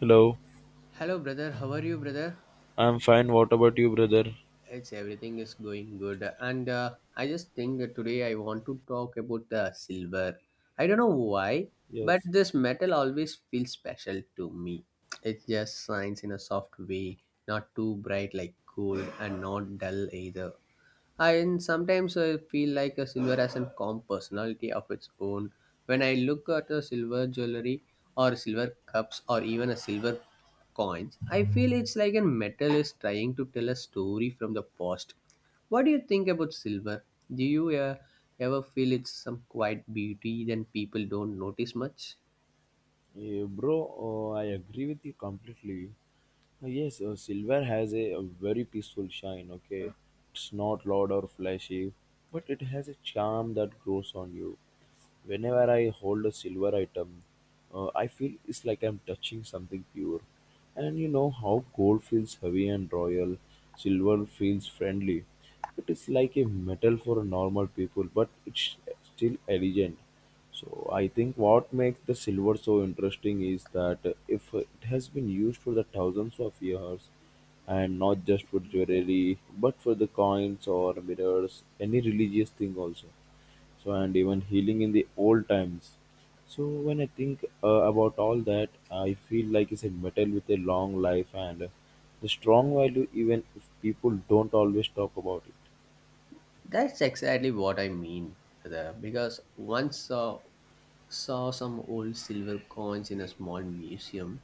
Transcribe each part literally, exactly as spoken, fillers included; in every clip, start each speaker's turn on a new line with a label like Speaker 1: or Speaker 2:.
Speaker 1: Hello,
Speaker 2: Hello, brother. How are you, brother?
Speaker 1: I'm fine. What about you, brother?
Speaker 2: It's everything is going good, and uh, I just think that today I want to talk about the silver. I don't know why, but
Speaker 1: Yes,
Speaker 2: this metal always feels special to me. It just shines in a soft way, not too bright like gold, and not dull either. And sometimes I feel like a silver has a calm personality of its own. When I look at a silver jewelry or silver cups or even a silver coins, I feel it's like a metal is trying to tell a story from the past. What do you think about silver? Do you uh, ever feel it's some quiet beauty that people don't notice much?
Speaker 1: eh, bro, uh, I agree with you completely. Uh, Yes, uh, silver has a, a very peaceful shine, okay? It's not loud or flashy, but it has a charm that grows on you. Whenever I hold a silver item, uh, I feel it's like I'm touching something pure. And you know how gold feels heavy and royal, silver feels friendly. It is like a metal for normal people, but it's still elegant. So I think what makes the silver so interesting is that if it has been used for the thousands of years, and not just for jewelry but for the coins or mirrors, any religious thing also, so and even healing in the old times. So when I think uh, about all that, I feel like it's a metal with a long life and the strong value, even if people don't always talk about it.
Speaker 2: That's exactly what I mean, brother, because once uh, saw some old silver coins in a small museum.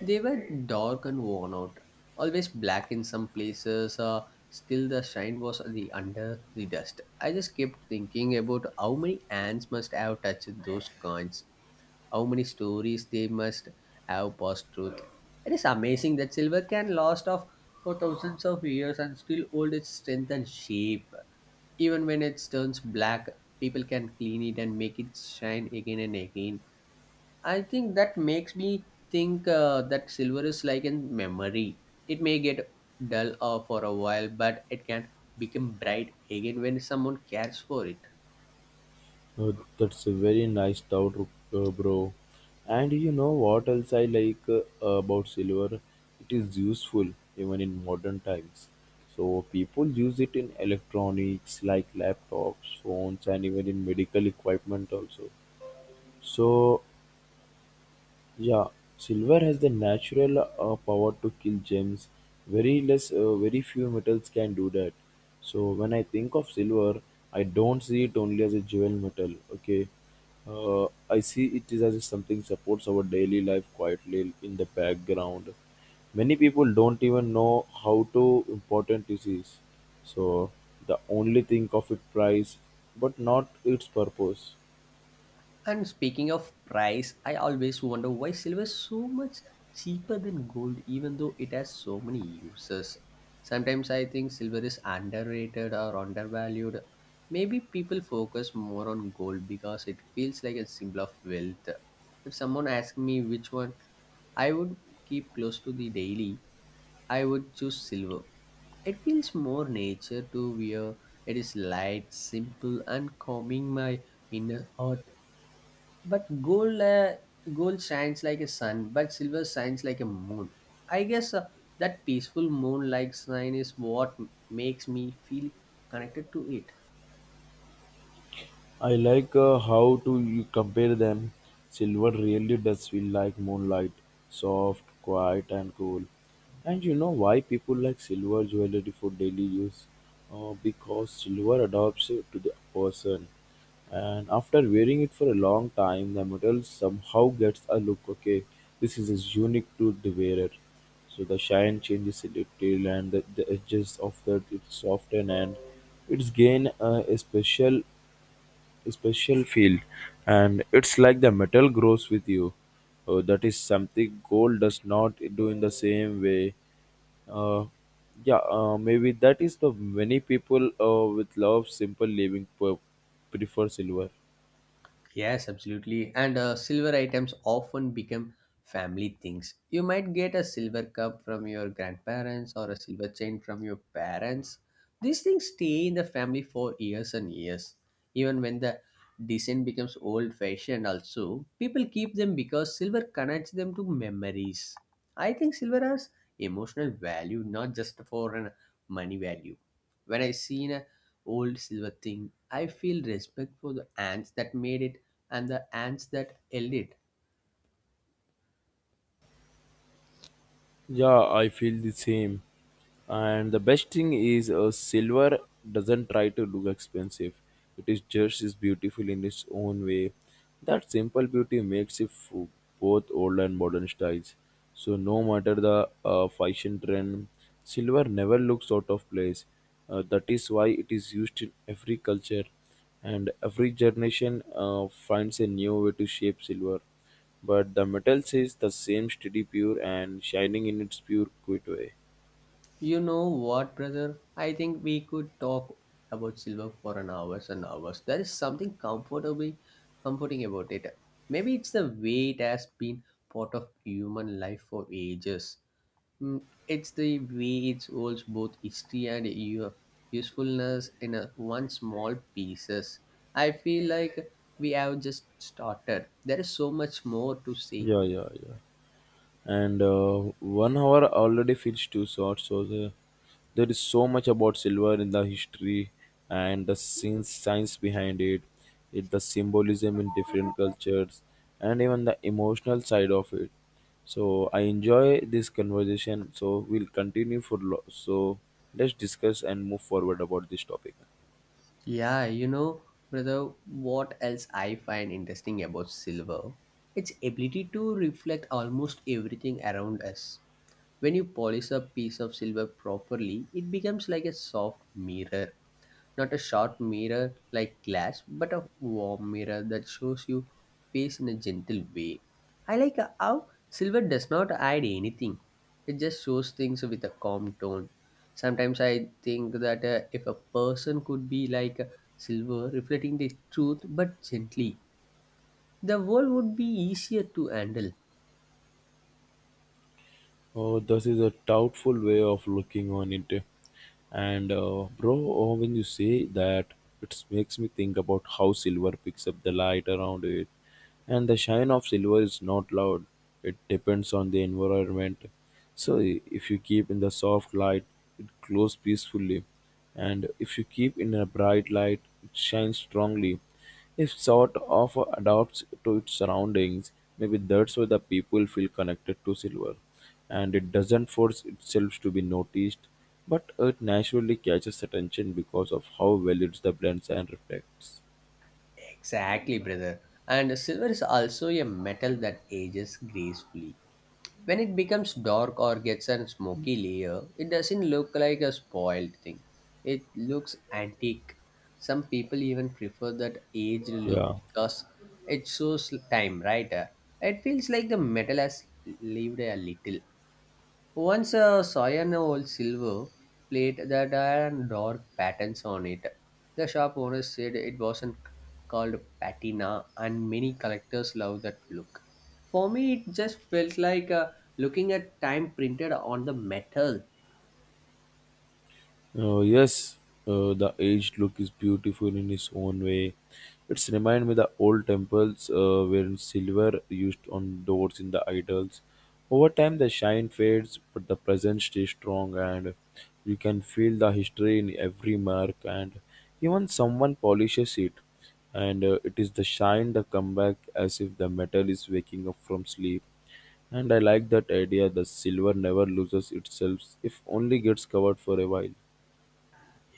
Speaker 2: They were dark and worn out, always black in some places. Uh, still, the shine was the under the dust. I just kept thinking about how many hands must have touched those coins, how many stories they must have passed through. It is amazing that silver can last off for thousands of years and still hold its strength and shape. Even when it turns black, people can clean it and make it shine again and again. I think that makes me think uh, that silver is like a memory. It may get dull uh, for a while, but it can become bright again when someone cares for it.
Speaker 1: Uh, that's a very nice thought, uh, bro. And you know what else I like uh, about silver? It is useful even in modern times. So people use it in electronics like laptops, phones, and even in medical equipment also. So yeah, silver has the natural uh, power to kill gems. Very less, uh, very few metals can do that. So when I think of silver, I don't see it only as a jewel metal. Okay, uh, I see it is as something supports our daily life quietly in the background. Many people don't even know how to important it is. So the only think of its price, but not its purpose.
Speaker 2: And speaking of price, I always wonder why silver is so much cheaper than gold, even though it has so many uses. Sometimes I think silver is underrated or undervalued. Maybe people focus more on gold because it feels like a symbol of wealth. If someone asked me which one I would keep close to the daily, I would choose silver. It feels more nature to wear. It is light, simple, and calming my inner heart. But gold, uh, gold shines like a sun, but silver shines like a moon. I guess uh, that peaceful moon-like shine is what m- makes me feel connected to it.
Speaker 1: I like uh, how to you compare them. Silver really does feel like moonlight, soft, quiet, and cool. And you know why people like silver jewelry for daily use? Uh, because silver adapts it to the person, and after wearing it for a long time, the metal somehow gets a look. Okay, this is is unique to the wearer. So the shine changes a little, and the, the edges of that it's soften, and it's gain uh, a special special field, and it's like the metal grows with you. Uh, that is something gold does not do in the same way. Uh, yeah uh, maybe that is the many people uh, with love simple living per- prefer silver.
Speaker 2: Yes, absolutely. And uh, silver items often become family things. You might get a silver cup from your grandparents or a silver chain from your parents. These things stay in the family for years and years. Even when the design becomes old fashioned, also, people keep them because silver connects them to memories. I think silver has emotional value, not just for an money value. When I seen a old silver thing, I feel respect for the ants that made it and the ants that held it.
Speaker 1: Yeah, I feel the same. And the best thing is, uh, silver doesn't try to look expensive. It is just is beautiful in its own way. That simple beauty makes it for both old and modern styles. So no matter the uh, fashion trend, silver never looks out of place. Uh, that is why it is used in every culture, and every generation uh, finds a new way to shape silver. But the metal stays the same steady, pure, and shining in its pure, quiet way.
Speaker 2: You know what, brother? I think we could talk about silver for an hours and hours. There is something comfortably comforting about it. Maybe it's the way it has been part of human life for ages. Mm, It's the way it holds both history and u- usefulness in a one small pieces. I feel like we have just started. There is so much more to say.
Speaker 1: Yeah, yeah, yeah. And uh, one hour already feels too short. So the, there is so much about silver in the history and the science, science behind it, it, the symbolism in different cultures, and even the emotional side of it. So I enjoy this conversation. So we'll continue for lo- so let's discuss and move forward about this topic.
Speaker 2: Yeah, you know, brother, what else I find interesting about silver? Its ability to reflect almost everything around us. When you polish a piece of silver properly, it becomes like a soft mirror not a sharp mirror like glass, but a warm mirror that shows you face in a gentle way. I like how silver does not hide anything. It just shows things with a calm tone. Sometimes I think that uh, if a person could be like silver, reflecting the truth but gently, the world would be easier to handle.
Speaker 1: Oh, this is a doubtful way of looking on it. And uh, bro, oh, when you say that, it makes me think about how silver picks up the light around it. And the shine of silver is not loud. It depends on the environment. So i- if you keep in the soft light, it glows peacefully. And if you keep in a bright light, it shines strongly. It sort of adapts to its surroundings. Maybe that's why the people feel connected to silver. And it doesn't force itself to be noticed, but it naturally catches attention because of how well it blends and reflects.
Speaker 2: Exactly, brother. And silver is also a metal that ages gracefully. When it becomes dark or gets a smoky layer, it doesn't look like a spoiled thing. It looks antique. Some people even prefer that aged look
Speaker 1: Yeah.
Speaker 2: because it shows time, right? Uh, it feels like the metal has lived a little. Once uh, saw an old silver plate that had dark patterns on it. The shop owner said it wasn't called patina, and many collectors love that look. For me, it just felt like uh, looking at time printed on the metal.
Speaker 1: Uh, yes, uh, the aged look is beautiful in its own way. It's remind me the old temples uh, where silver used on doors in the idols. Over time, the shine fades, but the presence stays strong, and you can feel the history in every mark. And even someone polishes it, and uh, it is the shine that come back as if the metal is waking up from sleep. And I like that idea. The silver never loses itself, if only gets covered for a while.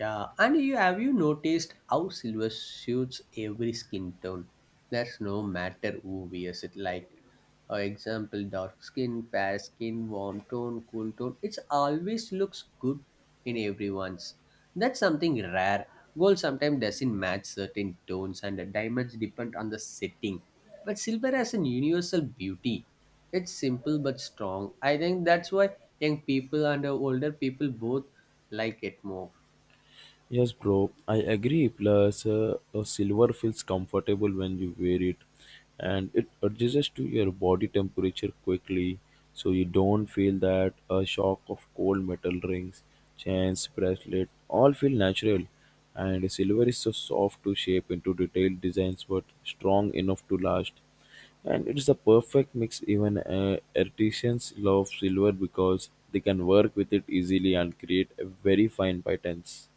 Speaker 2: Yeah, and you have you noticed how silver suits every skin tone? That's no matter who wears it. Like, for example, dark skin, fair skin, warm tone, cool tone. It's always looks good in everyone's. That's something rare. Gold sometimes doesn't match certain tones, and the diamonds depend on the setting. But silver has an universal beauty. It's simple but strong. I think that's why young people and uh, older people both like it more.
Speaker 1: Yes, bro, I agree. Plus, uh, a silver feels comfortable when you wear it, and it adjusts to your body temperature quickly, so you don't feel that a shock of cold metal rings, chains, bracelet, all feel natural. And silver is so soft to shape into detailed designs, but strong enough to last. And it's the perfect mix. Even uh, artisans love silver because they can work with it easily and create a very fine patterns.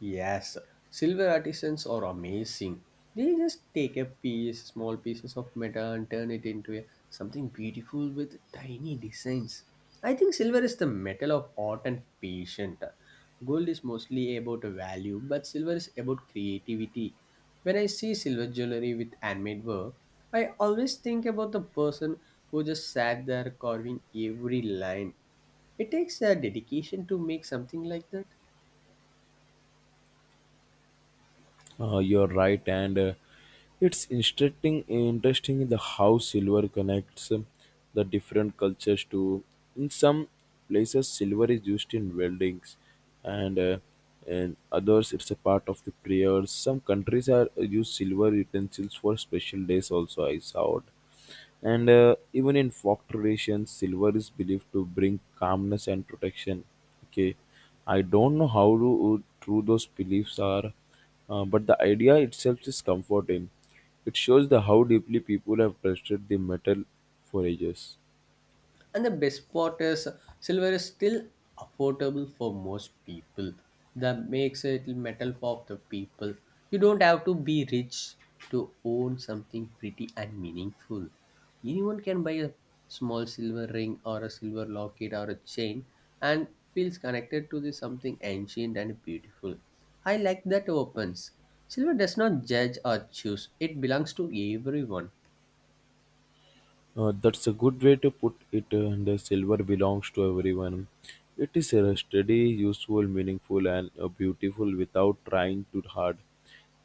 Speaker 2: Yes, sir. Silver artisans are amazing. They just take a piece, small pieces of metal, and turn it into a, something beautiful with tiny designs. I think silver is the metal of art and patient. Gold is mostly about value, but silver is about creativity. When I see silver jewelry with handmade work, I always think about the person who just sat there carving every line. It takes a dedication to make something like that.
Speaker 1: Uh, you're right, and uh, it's interesting. Interesting the how silver connects um, the different cultures to. In some places, silver is used in weldings, and uh, in others, it's a part of the prayers. Some countries are uh, use silver utensils for special days. Also, I saw. It. And uh, even in folk traditions, silver is believed to bring calmness and protection. Okay, I don't know how to, true those beliefs are, uh, but the idea itself is comforting. It shows the how deeply people have trusted the metal for ages.
Speaker 2: And the best part is silver is still affordable for most people. That makes it metal for the people. You don't have to be rich to own something pretty and meaningful. Anyone can buy a small silver ring or a silver locket or a chain and feels connected to this something ancient and beautiful. I like that opens. Silver does not judge or choose, it belongs to everyone.
Speaker 1: Uh, that's a good way to put it, and the silver belongs to everyone. It is uh, steady, useful, meaningful, and uh, beautiful without trying too hard.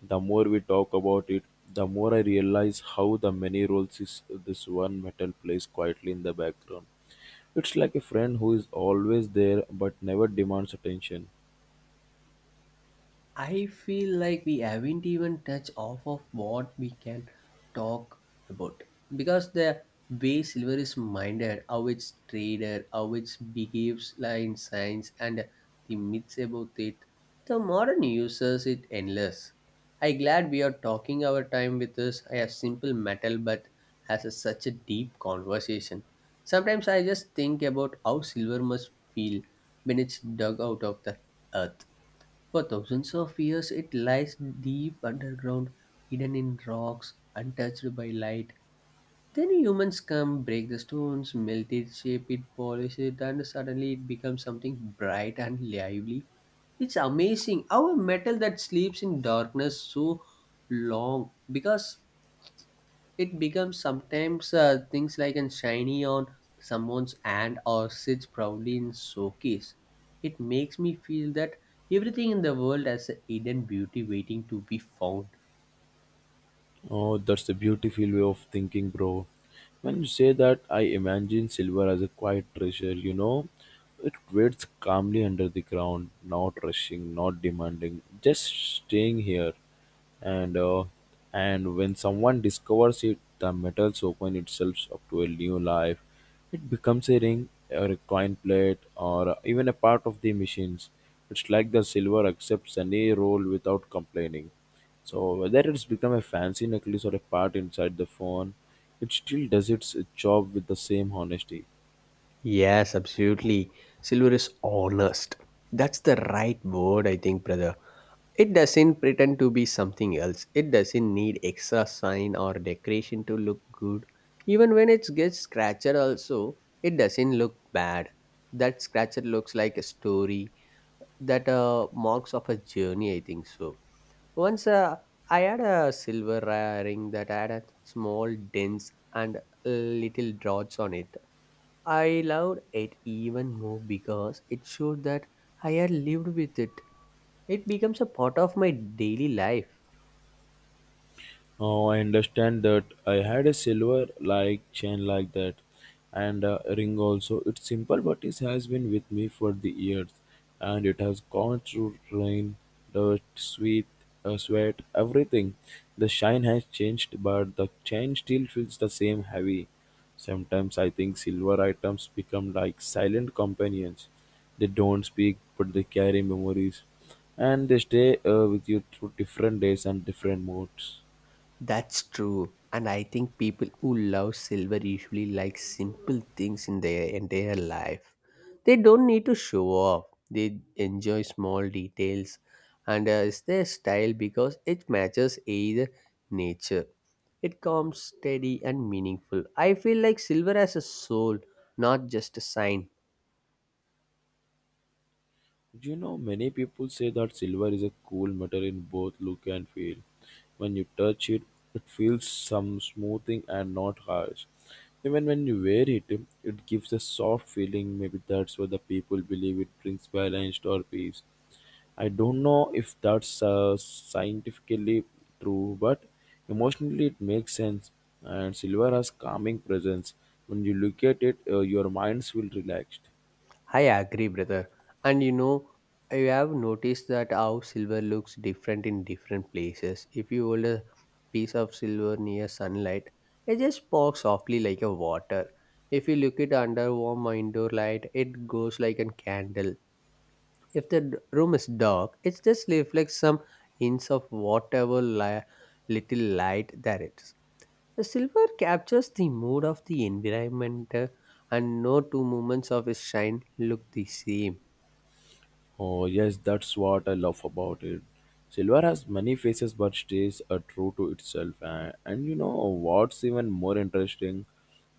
Speaker 1: The more we talk about it, the more I realize how the many roles is this one metal plays quietly in the background. It's like a friend who is always there but never demands attention.
Speaker 2: I feel like we haven't even touched off of what we can talk about because the way silver is minded, how it's traded, how it behaves like in science, and the myths about it, the modern uses it endless. I glad we are talking our time with this. I have simple metal, but has a, such a deep conversation. Sometimes I just think about how silver must feel when it's dug out of the earth for thousands of years, it lies deep underground, hidden in rocks, untouched by light. Then humans come, break the stones, melt it, shape it, polish it, and suddenly it becomes something bright and lively. It's amazing how a metal that sleeps in darkness so long because it becomes sometimes uh, things like a shiny on someone's hand or sits proudly in showcase. It makes me feel that everything in the world has a hidden beauty waiting to be found.
Speaker 1: Oh, that's a beautiful way of thinking, bro. When you say that, I imagine silver as a quiet treasure, you know? It waits calmly under the ground, not rushing, not demanding, just staying here. And uh, and when someone discovers it, the metals open itself up to a new life. It becomes a ring or a coin plate or even a part of the machines. It's like the silver accepts any role without complaining. So whether it's become a fancy necklace or a part inside the phone, it still does its job with the same honesty.
Speaker 2: Yes, absolutely. Silver is honest. That's the right word, I think, brother. It doesn't pretend to be something else. It doesn't need extra shine or decoration to look good. Even when it gets scratched also, it doesn't look bad. That scratcher looks like a story that uh, marks of a journey, I think so. Once uh, I had a silver ring that had a small dents and little dots on it. I loved it even more because it showed that I had lived with it. It becomes a part of my daily life.
Speaker 1: Oh, I understand that. I had a silver like chain like that, and a ring also. It's simple, but it has been with me for the years, and it has gone through rain, dirt, sweat, uh, sweat, everything. The shine has changed, but the chain still feels the same heavy. Sometimes I think silver items become like silent companions. They don't speak, but they carry memories, and they stay uh, with you through different days and different moods.
Speaker 2: That's true. And I think people who love silver usually like simple things in their entire life. They don't need to show off, they enjoy small details. And uh, it's their style because it matches either nature. It calm, steady, and meaningful. I feel like silver has a soul, not just a sign.
Speaker 1: You know, many people say that silver is a cool metal in both look and feel. When you touch it, it feels some smoothing and not harsh. Even when you wear it, it gives a soft feeling. Maybe that's why the people believe it brings balance or peace. I don't know if that's uh, scientifically true, but emotionally it makes sense. And silver has calming presence. When you look at it, uh, your minds will relaxed.
Speaker 2: I agree, brother. And you know, I have noticed that how silver looks different in different places. If you hold a piece of silver near sunlight, it just sparks softly like a water. If you look it under warm indoor light, it goes like a candle. If the d- room is dark, it just reflects some hints of whatever li- little light there is. The silver captures the mood of the environment, uh, and no two moments of its shine look the same.
Speaker 1: Oh, yes, that's what I love about it. Silver has many faces but stays uh, true to itself. And, and you know what's even more interesting?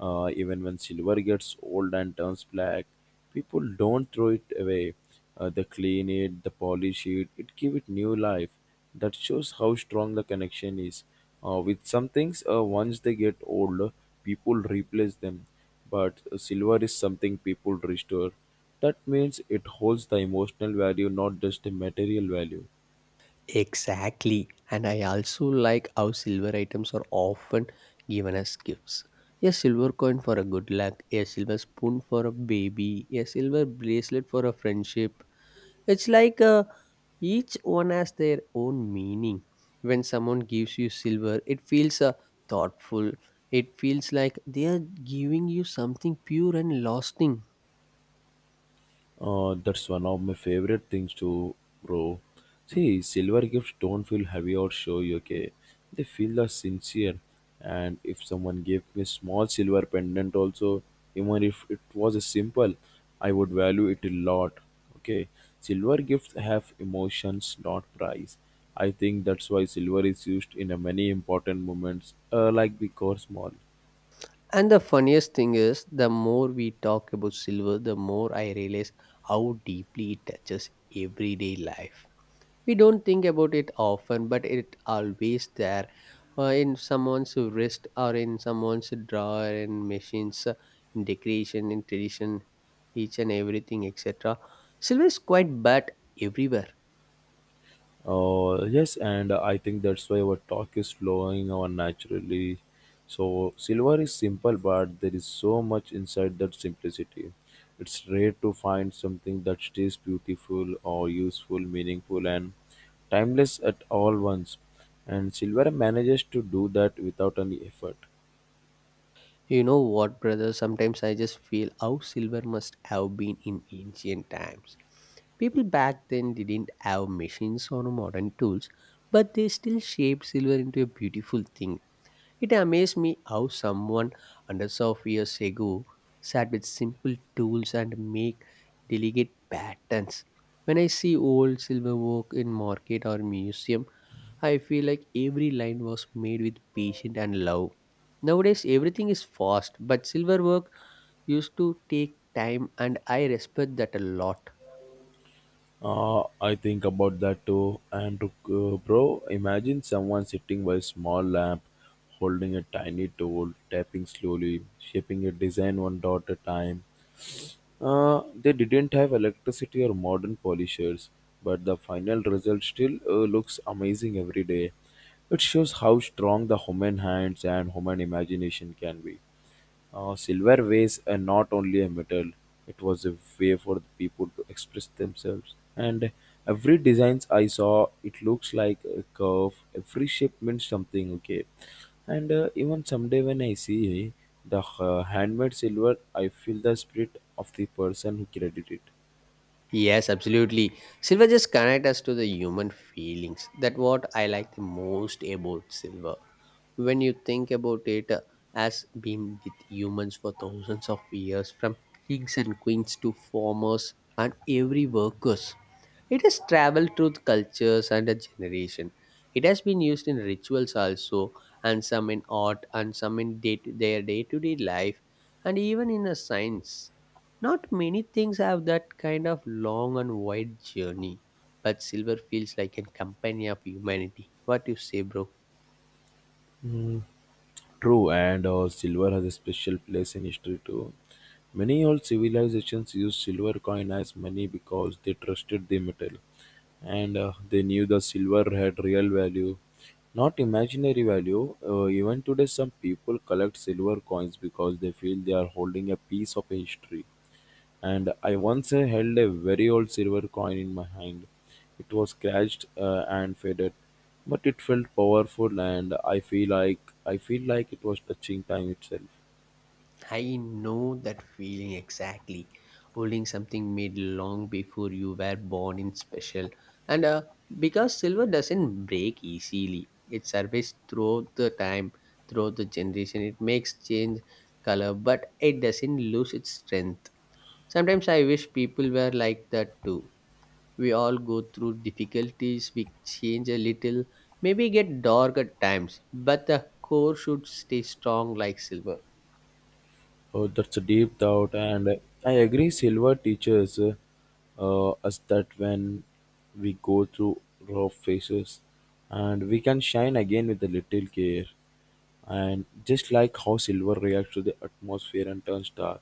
Speaker 1: Uh, even when silver gets old and turns black, people don't throw it away. Uh, they clean it, they polish it, it give it new life. That shows how strong the connection is. Uh, with some things, uh, once they get old, people replace them. But uh, silver is something people restore. That means it holds the emotional value, not just the material value.
Speaker 2: Exactly. And I also like how silver items are often given as gifts. A silver coin for a good luck, a silver spoon for a baby, a silver bracelet for a friendship. It's like uh, each one has their own meaning. When someone gives you silver, it feels uh, thoughtful. It feels like they are giving you something pure and lasting.
Speaker 1: Uh, that's one of my favorite things too, bro. See, silver gifts don't feel heavy or showy, okay? They feel the sincere. And if someone gave me a small silver pendant also, even if it was a simple, I would value it a lot. Okay. Silver gifts have emotions, not price. I think that's why silver is used in a many important moments, uh, like the course mall.
Speaker 2: And the funniest thing is, the more we talk about silver, the more I realize how deeply it touches everyday life. We don't think about it often, but it always there uh, in someone's wrist or in someone's drawer in machines, uh, in decoration, in tradition, each and everything, et cetera. Silver is quite bad everywhere.
Speaker 1: Uh, yes, and I think that's why our talk is flowing on naturally. So, silver is simple, but there is so much inside that simplicity. It's rare to find something that stays beautiful or useful, meaningful, and timeless at all once. And silver manages to do that without any effort.
Speaker 2: You know what, brother? Sometimes I just feel how silver must have been in ancient times People back then didn't have machines or modern tools, but they still shaped silver into a beautiful thing. It amazed me how someone hundreds of years ago sat with simple tools and make delicate patterns. When I see old silver work in market or museum, I feel like every line was made with patience and love. Nowadays everything is fast, but silver work used to take time and I respect that a lot.
Speaker 1: Uh, I think about that too. And uh, bro, imagine someone sitting by a small lamp, holding a tiny tool, tapping slowly, shaping a design one dot at a time. Uh, they didn't have electricity or modern polishers, but the final result still uh, looks amazing every day. It shows how strong the human hands and human imagination can be. Uh, silver was uh, not only a metal; it was a way for the people to express themselves. And every designs I saw, it looks like a curve. Every shape means something. Okay, and uh, even someday when I see eh, the uh, handmade silver, I feel the spirit of the person who created it.
Speaker 2: Yes, absolutely. Silver just connect us to the human feelings. That what I like the most about silver. When you think about it uh, as being with humans for thousands of years, from kings and queens to farmers and every workers. It has traveled through cultures and a generation. It has been used in rituals also, and some in art, and some in day their day to day life, and even in a science. Not many things have that kind of long and wide journey, but silver feels like a companion of humanity. What you say, bro?
Speaker 1: Mm, true, and uh, silver has a special place in history too. Many old civilizations used silver coin as money because they trusted the metal, and uh, they knew the silver had real value, not imaginary value. Uh, even today, some people collect silver coins because they feel they are holding a piece of history. And I once uh, held a very old silver coin in my hand. It was scratched uh, and faded, but it felt powerful, and I feel like I feel like it was touching time itself.
Speaker 2: I know that feeling exactly. Holding something made long before you were born in special. And uh, Because silver doesn't break easily, it survives through the time, through the generation. It makes change color, but it doesn't lose its strength. Sometimes I wish people were like that too. We all go through difficulties, we change a little, maybe get dark at times, but the core should stay strong like silver.
Speaker 1: Oh, that's a deep thought, and I agree. Silver teaches uh, us that when we go through rough phases, and we can shine again with a little care. And just like how silver reacts to the atmosphere and turns dark,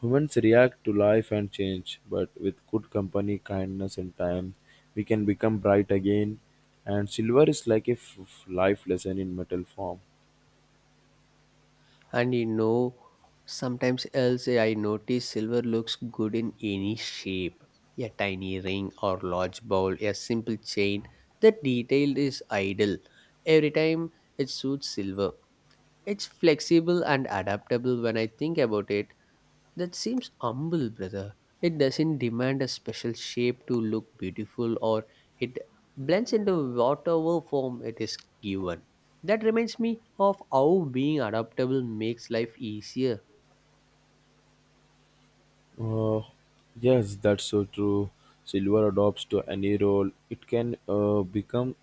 Speaker 1: humans react to life and change. But with good company, kindness, and time, we can become bright again. And silver is like a f- f- life lesson in metal form.
Speaker 2: And you know, sometimes else I notice silver looks good in any shape, a tiny ring or large bowl, a simple chain, the detail is ideal every time. It suits silver. It's flexible and adaptable. When I think about it, that seems humble, brother. It doesn't demand a special shape to look beautiful, or it blends into whatever form it is given. That reminds me of how being adaptable makes life easier.
Speaker 1: Uh, yes, that's so true. Silver adopts to any role. It can uh, become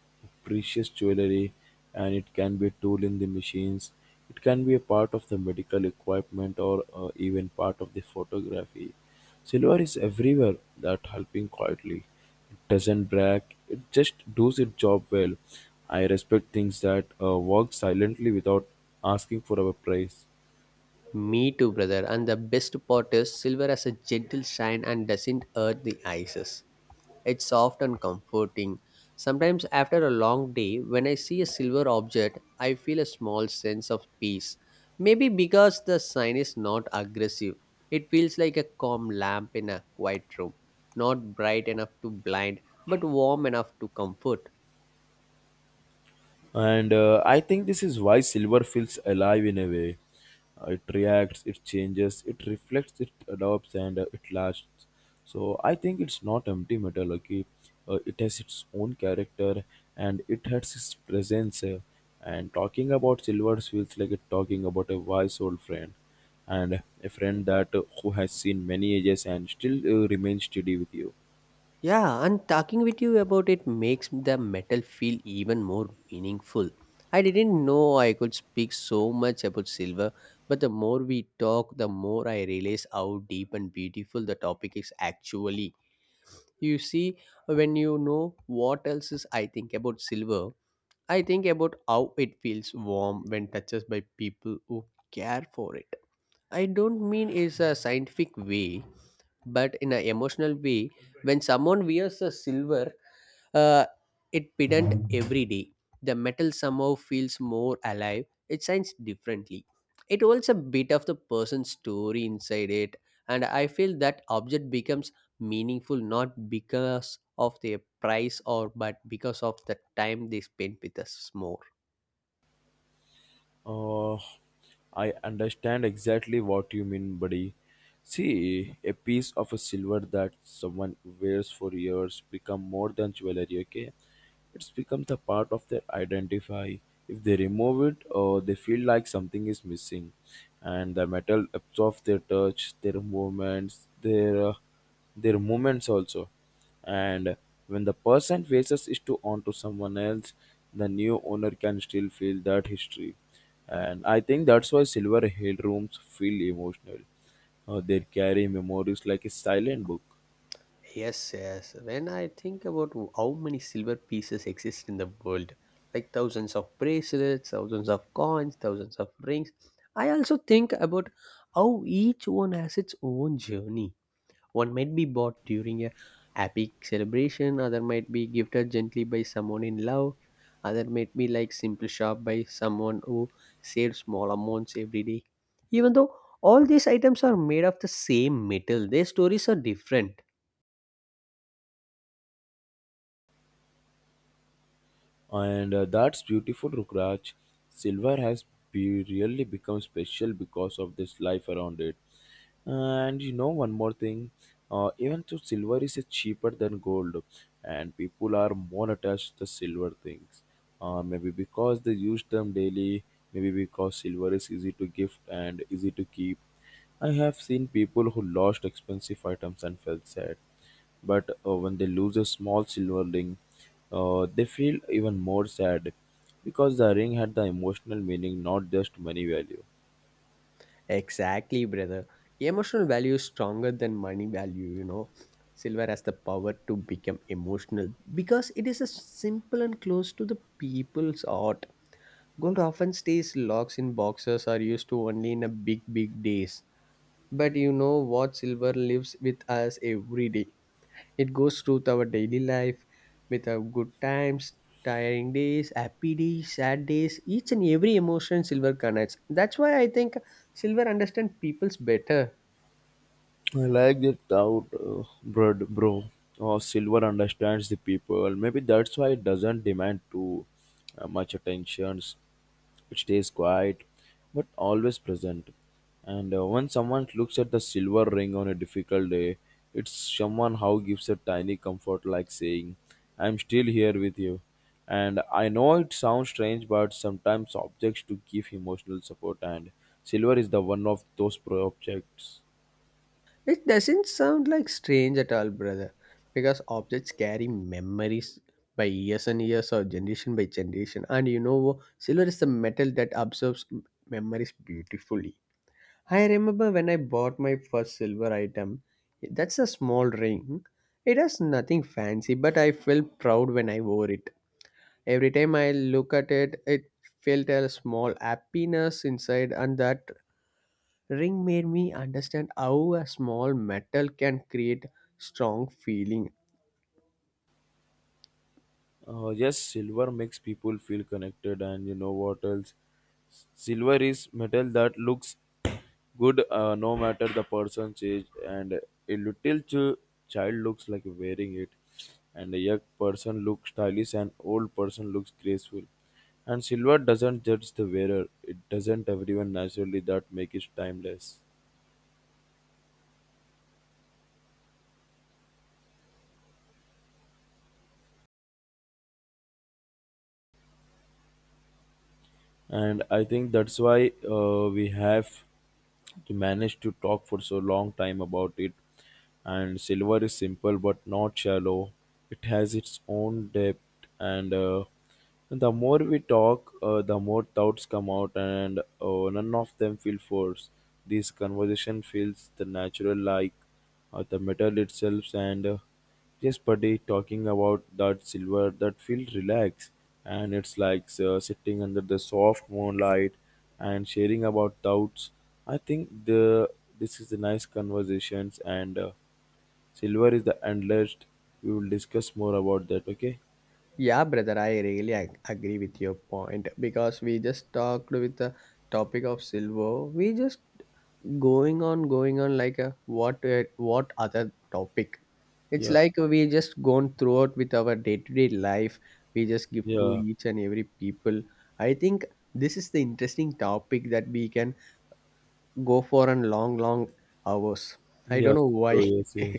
Speaker 1: precious jewelry and it can be a tool in the machines. It can be a part of the medical equipment or uh, even part of the photography. Silver is everywhere that helping quietly. It doesn't brag, it just does its job well. I respect things that uh, work silently without asking for a price.
Speaker 2: Me too, brother. And the best part is silver has a gentle shine and doesn't hurt the eyes. It's soft and comforting. Sometimes, after a long day, when I see a silver object, I feel a small sense of peace. Maybe because the sign is not aggressive. It feels like a calm lamp in a quiet room, not bright enough to blind, but warm enough to comfort.
Speaker 1: And uh, I think this is why silver feels alive in a way. Uh, it reacts, it changes, it reflects, it adopts, and uh, it lasts. So I think it's not empty metal. Okay, uh, it has its own character and it has its presence, uh, and talking about silver feels like talking about a wise old friend, and a friend that uh, who has seen many ages and still uh, remains steady with you.
Speaker 2: Yeah, and talking with you about it makes the metal feel even more meaningful. I didn't know I could speak so much about silver, but the more we talk, the more I realize how deep and beautiful the topic is actually. You see, when you know what else is I think about silver, I think about how it feels warm when touched by people who care for it. I don't mean it's a scientific way, but in an emotional way, when someone wears a silver uh, it pedant every day. The metal somehow feels more alive. It shines differently. It holds a bit of the person's story inside it, and I feel that object becomes meaningful not because of their price or but because of the time they spend with us more.
Speaker 1: Uh, I understand exactly what you mean, buddy. See, a piece of a silver that someone wears for years become more than jewelry, okay? It's become the part of their identify. If they remove it, uh, they feel like something is missing, and the metal absorbs their touch, their movements, their uh, their movements also. And when the person faces it to onto someone else, the new owner can still feel that history. And I think that's why silver hill rooms feel emotional. Uh, they carry memories like a silent book.
Speaker 2: Yes, yes. When I think about w- how many silver pieces exist in the world, like thousands of bracelets, thousands of coins, thousands of rings, I also think about how each one has its own journey. One might be bought during a happy celebration, other might be gifted gently by someone in love, other might be like simple shop by someone who saves small amounts every day. Even though all these items are made of the same metal, their stories are different.
Speaker 1: And uh, that's beautiful, Rukraj. Silver has be- really become special because of this life around it. Uh, And you know, one more thing, uh, even though silver is uh, cheaper than gold, and people are more attached to silver things. Uh, maybe because they use them daily, maybe because silver is easy to gift and easy to keep. I have seen people who lost expensive items and felt sad, but uh, when they lose a small silver ring, uh, they feel even more sad because the ring had the emotional meaning, not just money value.
Speaker 2: Exactly, brother. Emotional value is stronger than money value, you know. Silver has the power to become emotional because it is a simple and close to the people's art. Gold often stays locked in boxes or used to only in a big, big days. But you know what? Silver lives with us every day. It goes through our daily life with our good times, tiring days, happy days, sad days, each and every emotion Silver connects. That's why I think Silver understands people's better.
Speaker 1: I like that thought, uh, bro, bro. Oh, silver understands the people. Maybe that's why it doesn't demand too uh, much attentions. It stays quiet but always present. And uh, when someone looks at the silver ring on a difficult day, it somehow gives a tiny comfort, like saying, I'm still here with you. And I know it sounds strange, but sometimes objects to give emotional support, and silver is the one of those pro- objects.
Speaker 2: It doesn't sound like strange at all, brother, because objects carry memories by years and years or generation by generation. And you know, Silver is the metal that absorbs m- memories beautifully. I remember when I bought my first silver item. That's a small ring. It has nothing fancy, but I felt proud when I wore it. Every time I look at it, it felt a small happiness inside, and that ring made me understand how a small metal can create strong feeling.
Speaker 1: Uh, yes, silver makes people feel connected, and you know what else? Silver is metal that looks good uh, no matter the person's age. And a little ch- child looks like wearing it, and a young person looks stylish, and old person looks graceful, and silver doesn't judge the wearer, it doesn't everyone naturally, that makes it timeless. And I think that's why uh, we have to manage to talk for so long time about it. And silver is simple but not shallow, it has its own depth. And uh, the more we talk, uh, the more thoughts come out, and uh, none of them feel forced. This conversation feels the natural, like uh, the metal itself. And uh, yes, buddy, talking about that silver, that feel relaxed, and it's like uh, sitting under the soft moonlight and sharing about doubts. I think the this is the nice conversations, and uh, silver is the endless. We will discuss more about that. Okay?
Speaker 2: Yeah, brother, I really ag- agree with your point because we just talked with the topic of silver. We just going on going on like a what uh, what other topic, it's
Speaker 1: Yeah,
Speaker 2: like we just gone throughout with our day-to-day life, we just give to
Speaker 1: yeah,
Speaker 2: each and every people. I think this is the interesting topic that we can go for a long long hours. I don't
Speaker 1: yes,
Speaker 2: know why.
Speaker 1: bro. Yes, yes,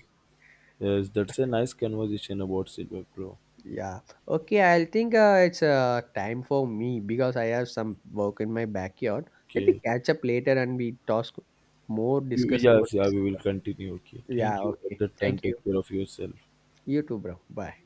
Speaker 1: yes. That's a nice conversation about silver, bro.
Speaker 2: Yeah, okay, I think uh, it's uh, time for me because I have some work in my backyard.
Speaker 1: Okay.
Speaker 2: Let me
Speaker 1: You-
Speaker 2: catch up later and we talk more discuss about
Speaker 1: yes, yeah,
Speaker 2: this.
Speaker 1: we will continue. Okay.
Speaker 2: Yeah,
Speaker 1: Thank you at
Speaker 2: okay,
Speaker 1: that time.
Speaker 2: thank you.
Speaker 1: Take care of yourself.
Speaker 2: You too, bro, bye.